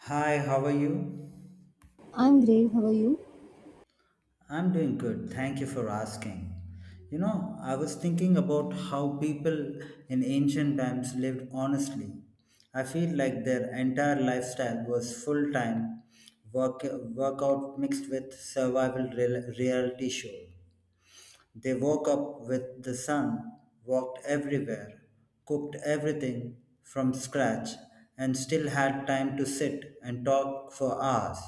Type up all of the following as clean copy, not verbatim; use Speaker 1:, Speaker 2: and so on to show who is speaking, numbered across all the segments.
Speaker 1: Hi, how are you?
Speaker 2: I'm great. How are you?
Speaker 1: I'm doing good. Thank you for asking. I was thinking about how people in ancient times lived honestly. I feel like their entire lifestyle was full time work workout mixed with survival reality show. They woke up with the sun, walked everywhere, cooked everything from scratch, and still had time to sit and talk for hours.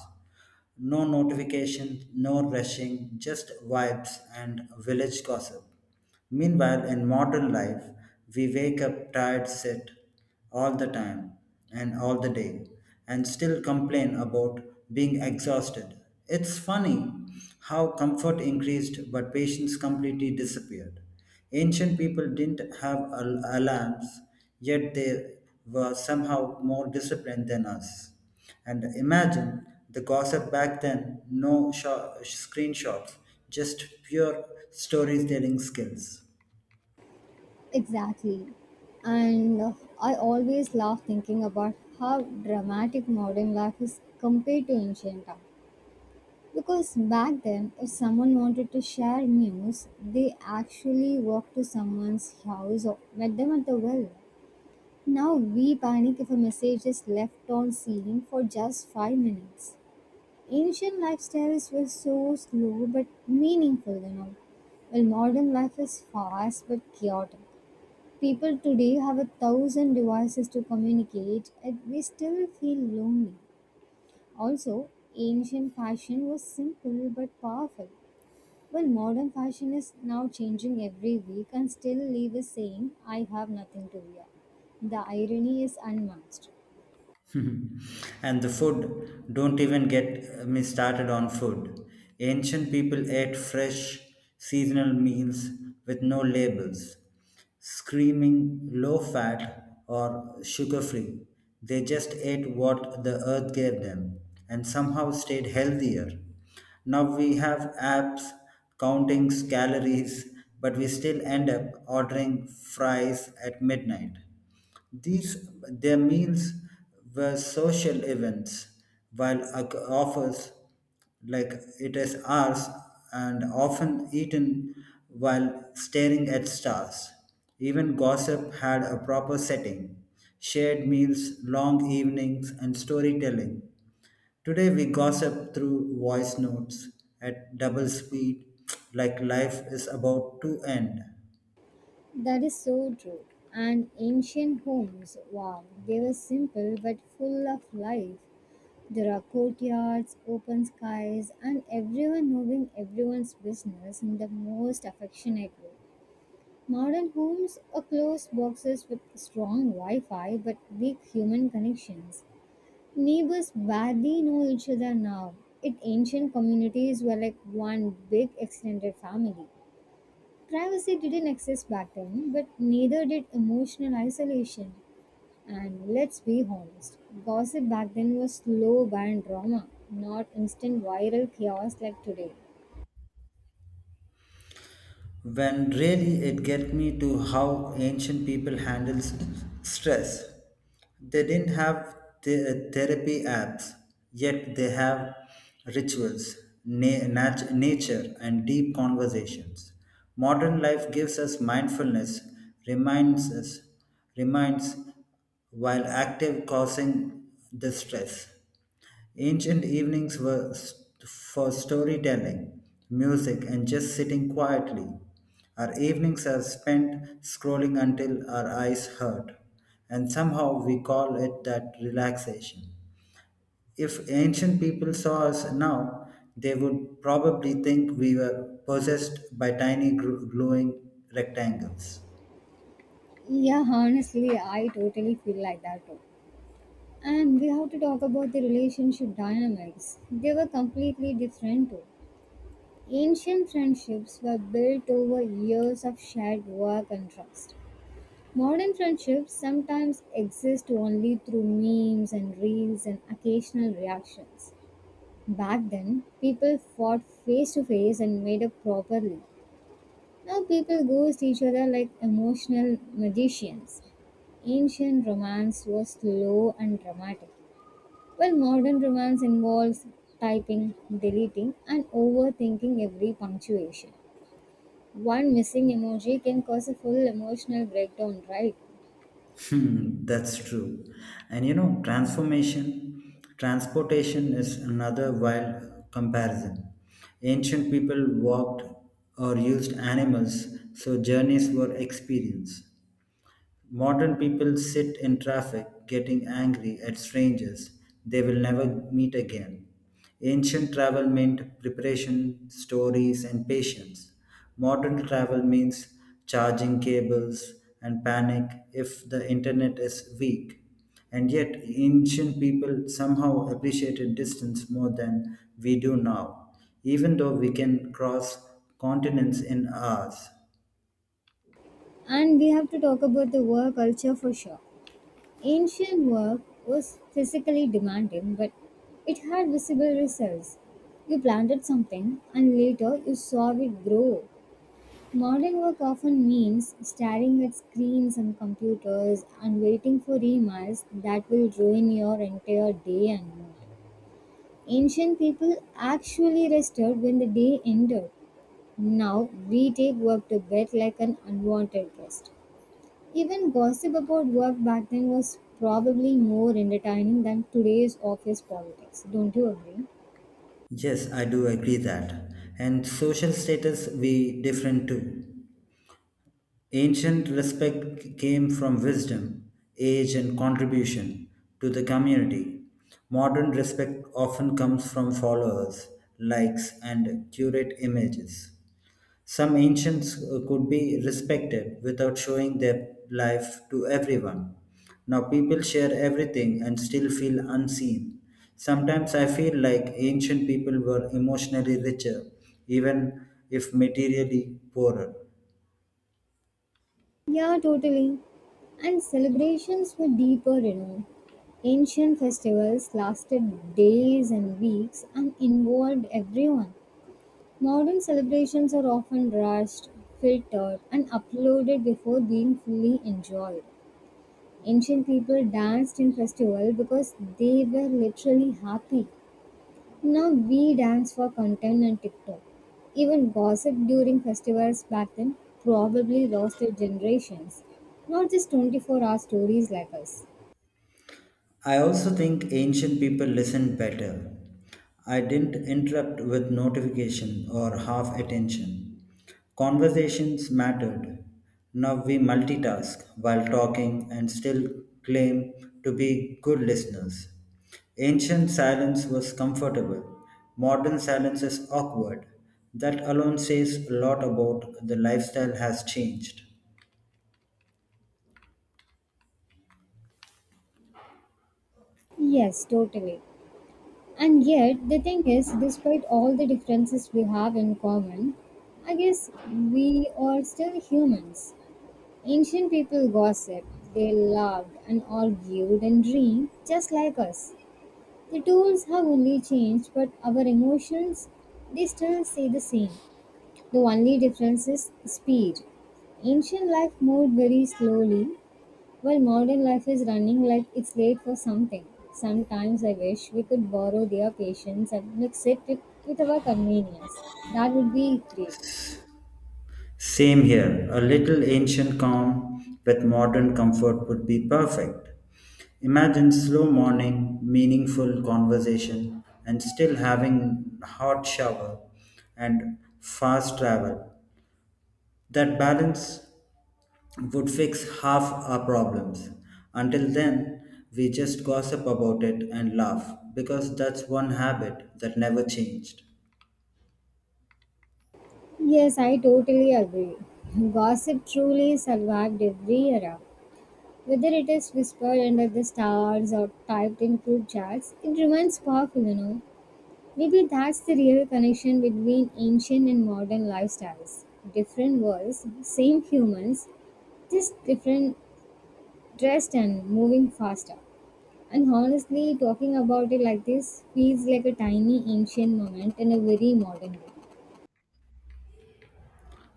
Speaker 1: No notifications, no rushing, just vibes and village gossip. Meanwhile, in modern life, we wake up tired, sit, all the time and all the day and still complain about being exhausted. It's funny how comfort increased but patience completely disappeared. Ancient people didn't have alarms, yet they were somehow more disciplined than us. And imagine the gossip back then, no screenshots, just pure storytelling skills.
Speaker 2: Exactly. And I always laugh thinking about how dramatic modern life is compared to ancient art. Because back then, if someone wanted to share news, they actually walked to someone's house or met them at the well. Now we panic if a message is left on scene for just 5 minutes. Ancient lifestyles were so slow but meaningful, you know. Well, modern life is fast but chaotic. People today have a thousand devices to communicate, and we still feel lonely. Also, ancient fashion was simple but powerful, while modern fashion is now changing every week and still leave us saying, I have nothing to wear. The irony is unmatched.
Speaker 1: And the food, don't even get me started on food. Ancient people ate fresh, seasonal meals with no labels, screaming low fat or sugar free. They just ate what the earth gave them and somehow stayed healthier. Now we have apps counting calories, but we still end up ordering fries at midnight. These their meals were social events, while offers like it is ours and often eaten while staring at stars. Even gossip had a proper setting, shared meals, long evenings, and storytelling. Today we gossip through voice notes at double speed, like life is about to end.
Speaker 2: That is so true. And ancient homes, wow, they were simple but full of life. There are courtyards, open skies, and everyone moving everyone's business in the most affectionate way. Modern homes are closed boxes with strong Wi Fi but weak human connections. Neighbors barely know each other now. It ancient communities were like one big extended family. Privacy didn't exist back then, but neither did emotional isolation. And let's be honest, gossip back then was slow burn drama, not instant viral chaos like today.
Speaker 1: When really it get me to how ancient people handles stress. They didn't have the therapy apps, yet they have rituals, nature, and deep conversations. Modern life gives us mindfulness, reminds us, reminds while active causing the stress. Ancient evenings were for storytelling, music, and just sitting quietly. Our evenings are spent scrolling until our eyes hurt, and somehow we call it that relaxation. If ancient people saw us now, they would probably think we were possessed by tiny glowing rectangles.
Speaker 2: Yeah, honestly, I totally feel like that too. And we have to talk about the relationship dynamics. They were completely different too. Ancient friendships were built over years of shared work and trust. Modern friendships sometimes exist only through memes and reels and occasional reactions. Back then, people fought face to face and made up properly. Now people ghost each other like emotional magicians. Ancient romance was slow and dramatic, while modern romance involves typing, deleting, and overthinking every punctuation. One missing emoji can cause a full emotional breakdown, right?
Speaker 1: Hmm, that's true. And transportation is another wild comparison. Ancient people walked or used animals, so journeys were experience. Modern people sit in traffic getting angry at strangers they will never meet again. Ancient travel meant preparation, stories, and patience. Modern travel means charging cables and panic if the internet is weak. And yet, ancient people somehow appreciated distance more than we do now, even though we can cross continents in hours.
Speaker 2: And we have to talk about the work culture for sure. Ancient work was physically demanding, but it had visible results. You planted something and later you saw it grow. Modern work often means staring at screens and computers and waiting for emails that will ruin your entire day and mood. Ancient people actually rested when the day ended. Now we take work to bed like an unwanted guest. Even gossip about work back then was probably more entertaining than today's office politics, don't you agree?
Speaker 1: Yes, I do agree that. And social status we different too. Ancient respect came from wisdom, age and contribution to the community. Modern respect often comes from followers, likes and curate images. Some ancients could be respected without showing their life to everyone. Now people share everything and still feel unseen. Sometimes I feel like ancient people were emotionally richer, even if materially poorer.
Speaker 2: Yeah, totally. And celebrations were deeper, you know. Ancient festivals lasted days and weeks and involved everyone. Modern celebrations are often rushed, filtered, and uploaded before being fully enjoyed. Ancient people danced in festival because they were literally happy. Now we dance for content and TikTok. Even gossip during festivals back then probably lost their generations. Not just 24-hour stories like us.
Speaker 1: I also think ancient people listened better. I didn't interrupt with notification or half attention. Conversations mattered. Now we multitask while talking and still claim to be good listeners. Ancient silence was comfortable. Modern silence is awkward. That alone says a lot about the lifestyle has changed.
Speaker 2: Yes, totally. And yet, the thing is, despite all the differences we have in common, I guess we are still humans. Ancient people gossiped, they loved and argued and dreamed just like us. The tools have only changed, but our emotions, they still stay the same. The only difference is speed. Ancient life moved very slowly, while modern life is running like it's late for something. Sometimes I wish we could borrow their patience and mix it with our convenience. That would be great.
Speaker 1: Same here. A little ancient calm with modern comfort would be perfect. Imagine slow morning, meaningful conversation, and still having hot shower and fast travel. That balance would fix half our problems. Until then, we just gossip about it and laugh because that's one habit that never changed.
Speaker 2: Yes, I totally agree. Gossip truly survived every era. Whether it is whispered under the stars or typed in group chats, it remains powerful, you know. Maybe that's the real connection between ancient and modern lifestyles. Different worlds, same humans, just different dressed and moving faster. And honestly, talking about it like this feels like a tiny ancient moment in a very modern way.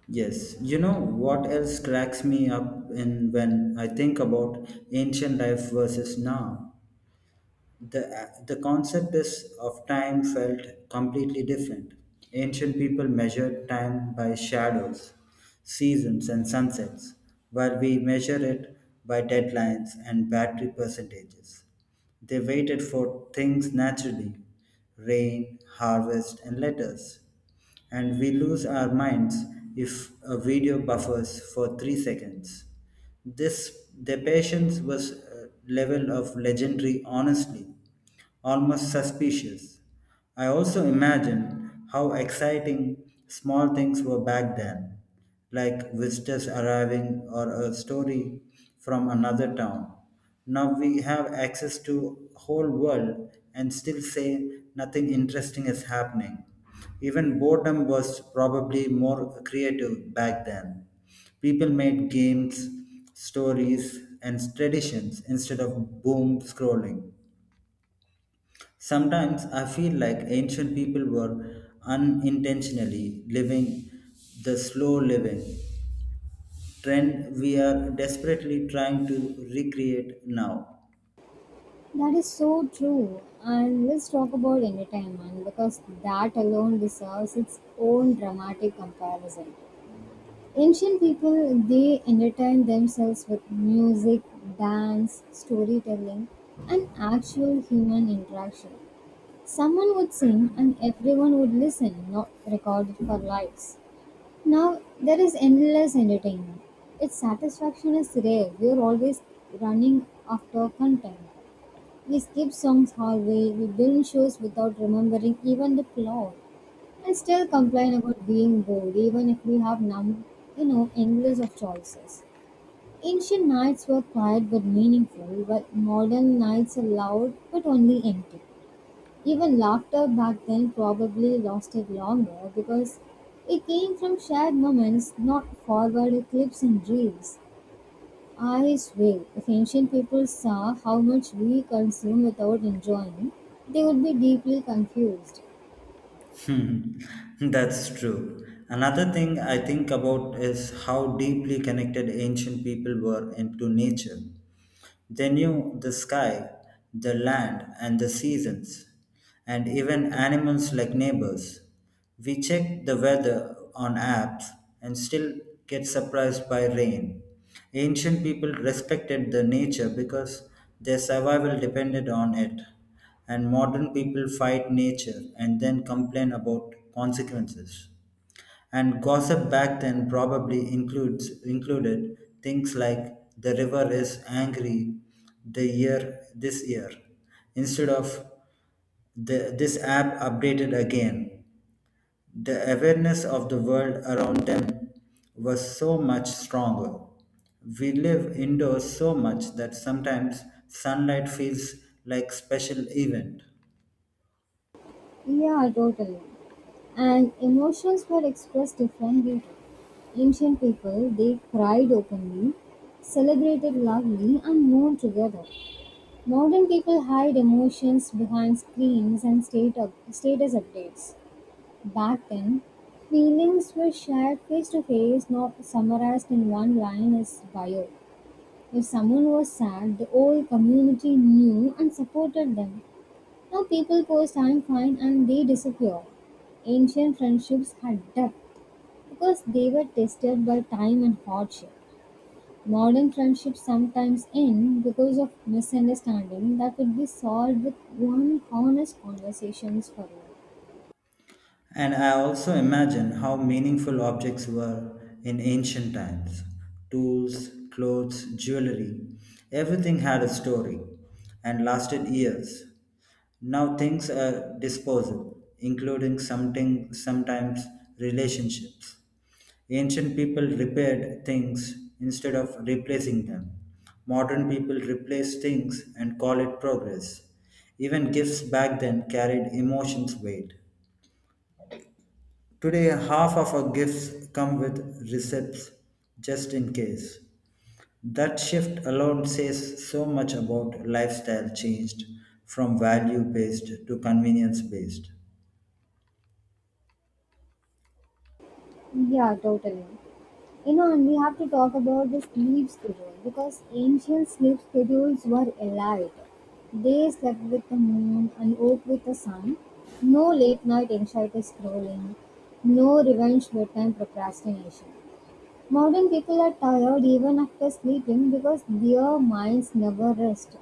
Speaker 1: Yes, you know what else cracks me up in when I think about ancient life versus now? The concept is of time felt completely different. Ancient people measured time by shadows, seasons, and sunsets, while we measure it by deadlines and battery percentages. They waited for things naturally, rain, harvest, and letters. And we lose our minds if a video buffers for 3 seconds. This their patience was a level of legendary honestly, almost suspicious. I also imagine how exciting small things were back then, like visitors arriving or a story from another town. Now we have access to whole world and still say nothing interesting is happening. Even boredom was probably more creative back then. People made games, stories, and traditions instead of boom scrolling. Sometimes I feel like ancient people were unintentionally living the slow living trend we are desperately trying to recreate now.
Speaker 2: That is so true. And let's talk about entertainment because that alone deserves its own dramatic comparison. Ancient people they entertained themselves with music, dance, storytelling, and actual human interaction. Someone would sing and everyone would listen, not recorded for likes. Now there is endless entertainment. Its satisfaction is rare. We are always running after content. We skip songs halfway, we binge shows without remembering even the plot. I still complain about being bored, even if we have endless of choices. Ancient nights were quiet but meaningful, while modern nights are loud but only empty. Even laughter back then probably lasted longer because it came from shared moments, not forward clips and reels. I swear, if ancient people saw how much we consume without enjoying, they would be deeply confused.
Speaker 1: Hmm, that's true. Another thing I think about is how deeply connected ancient people were into nature. They knew the sky, the land, and the seasons, and even animals like neighbors. We check the weather on apps and still get surprised by rain. Ancient people respected the nature because their survival depended on it, and modern people fight nature and then complain about consequences. And gossip back then probably includes included things like the river is angry the year this year instead of this app updated again. The awareness of the world around them was so much stronger. We live indoors so much that sometimes sunlight feels like special event.
Speaker 2: Yeah, totally. And emotions were expressed differently too. Ancient people, they cried openly, celebrated loudly, and mourned together. Modern people hide emotions behind screens and status updates. Back then, feelings were shared face to face, not summarized in one line as bio. If someone was sad, the whole community knew and supported them. Now people post I'm fine and they disappear. Ancient friendships had depth because they were tested by time and hardship. Modern friendships sometimes end because of misunderstanding that could be solved with one honest conversations forever.
Speaker 1: And I also imagine how meaningful objects were in ancient times, tools, clothes, jewelry. Everything had a story and lasted years. Now things are disposable, including sometimes relationships. Ancient people repaired things instead of replacing them. Modern people replace things and call it progress. Even gifts back then carried emotions weight. Today, half of our gifts come with receipts just in case. That shift alone says so much about lifestyle changed from value based to convenience based.
Speaker 2: Yeah, totally. You know, and we have to talk about the sleep schedule because ancient sleep schedules were elite. They slept with the moon and woke with the sun. No late night anxiety scrolling, no revenge bedtime procrastination. Modern people are tired even after sleeping because their minds never rest.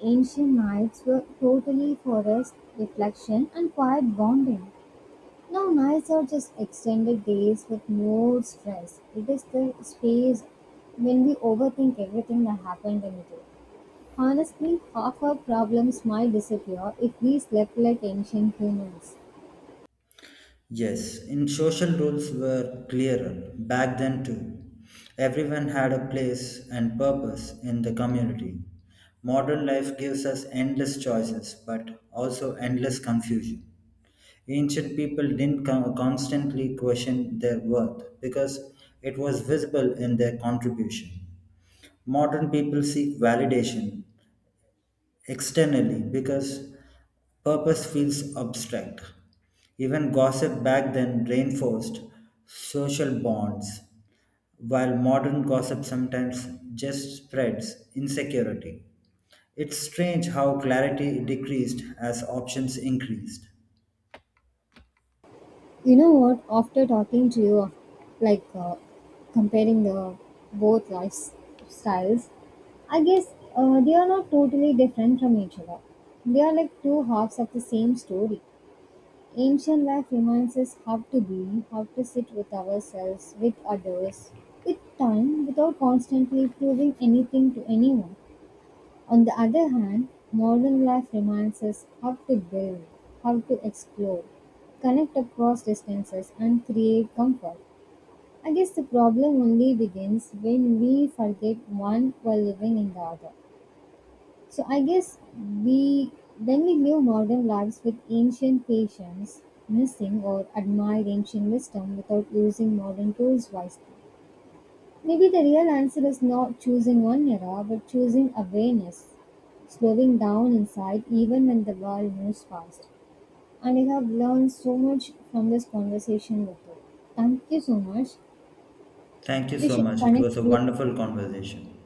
Speaker 2: Ancient nights were totally for rest, reflection, and quiet bonding. Now nights are just extended days with more stress. It is the space when we overthink everything that happened in the day. Honestly, half our problems might disappear if we slept like ancient humans.
Speaker 1: Yes, in social roles were clearer back then too. Everyone had a place and purpose in the community. Modern life gives us endless choices but also endless confusion. Ancient people didn't constantly question their worth because it was visible in their contribution. Modern people seek validation externally because purpose feels abstract. Even gossip back then reinforced social bonds, while modern gossip sometimes just spreads insecurity. It's strange how clarity decreased as options increased.
Speaker 2: You know what? After talking to you, like uh, comparing the both lifestyles, I guess they are not totally different from each other. They are like two halves of the same story. Ancient life reminds us how to be, how to sit with ourselves, with others, with time, without constantly proving anything to anyone. On the other hand, modern life reminds us how to build, how to explore, connect across distances, and create comfort. I guess the problem only begins when we forget one while living in the other. So I guess we when we live modern lives with ancient patience, missing or admired ancient wisdom without using modern tools wisely. Maybe the real answer is not choosing one era, but choosing awareness, slowing down inside even when the world moves fast. And I have learned so much from this conversation with you. Thank you so much.
Speaker 1: Thank you
Speaker 2: We
Speaker 1: so
Speaker 2: should
Speaker 1: much. It was a
Speaker 2: connect.
Speaker 1: wonderful conversation.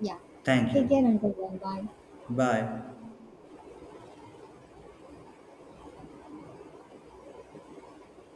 Speaker 2: Yeah.
Speaker 1: Thank
Speaker 2: Take care
Speaker 1: you.
Speaker 2: until then. Bye.
Speaker 1: Bye.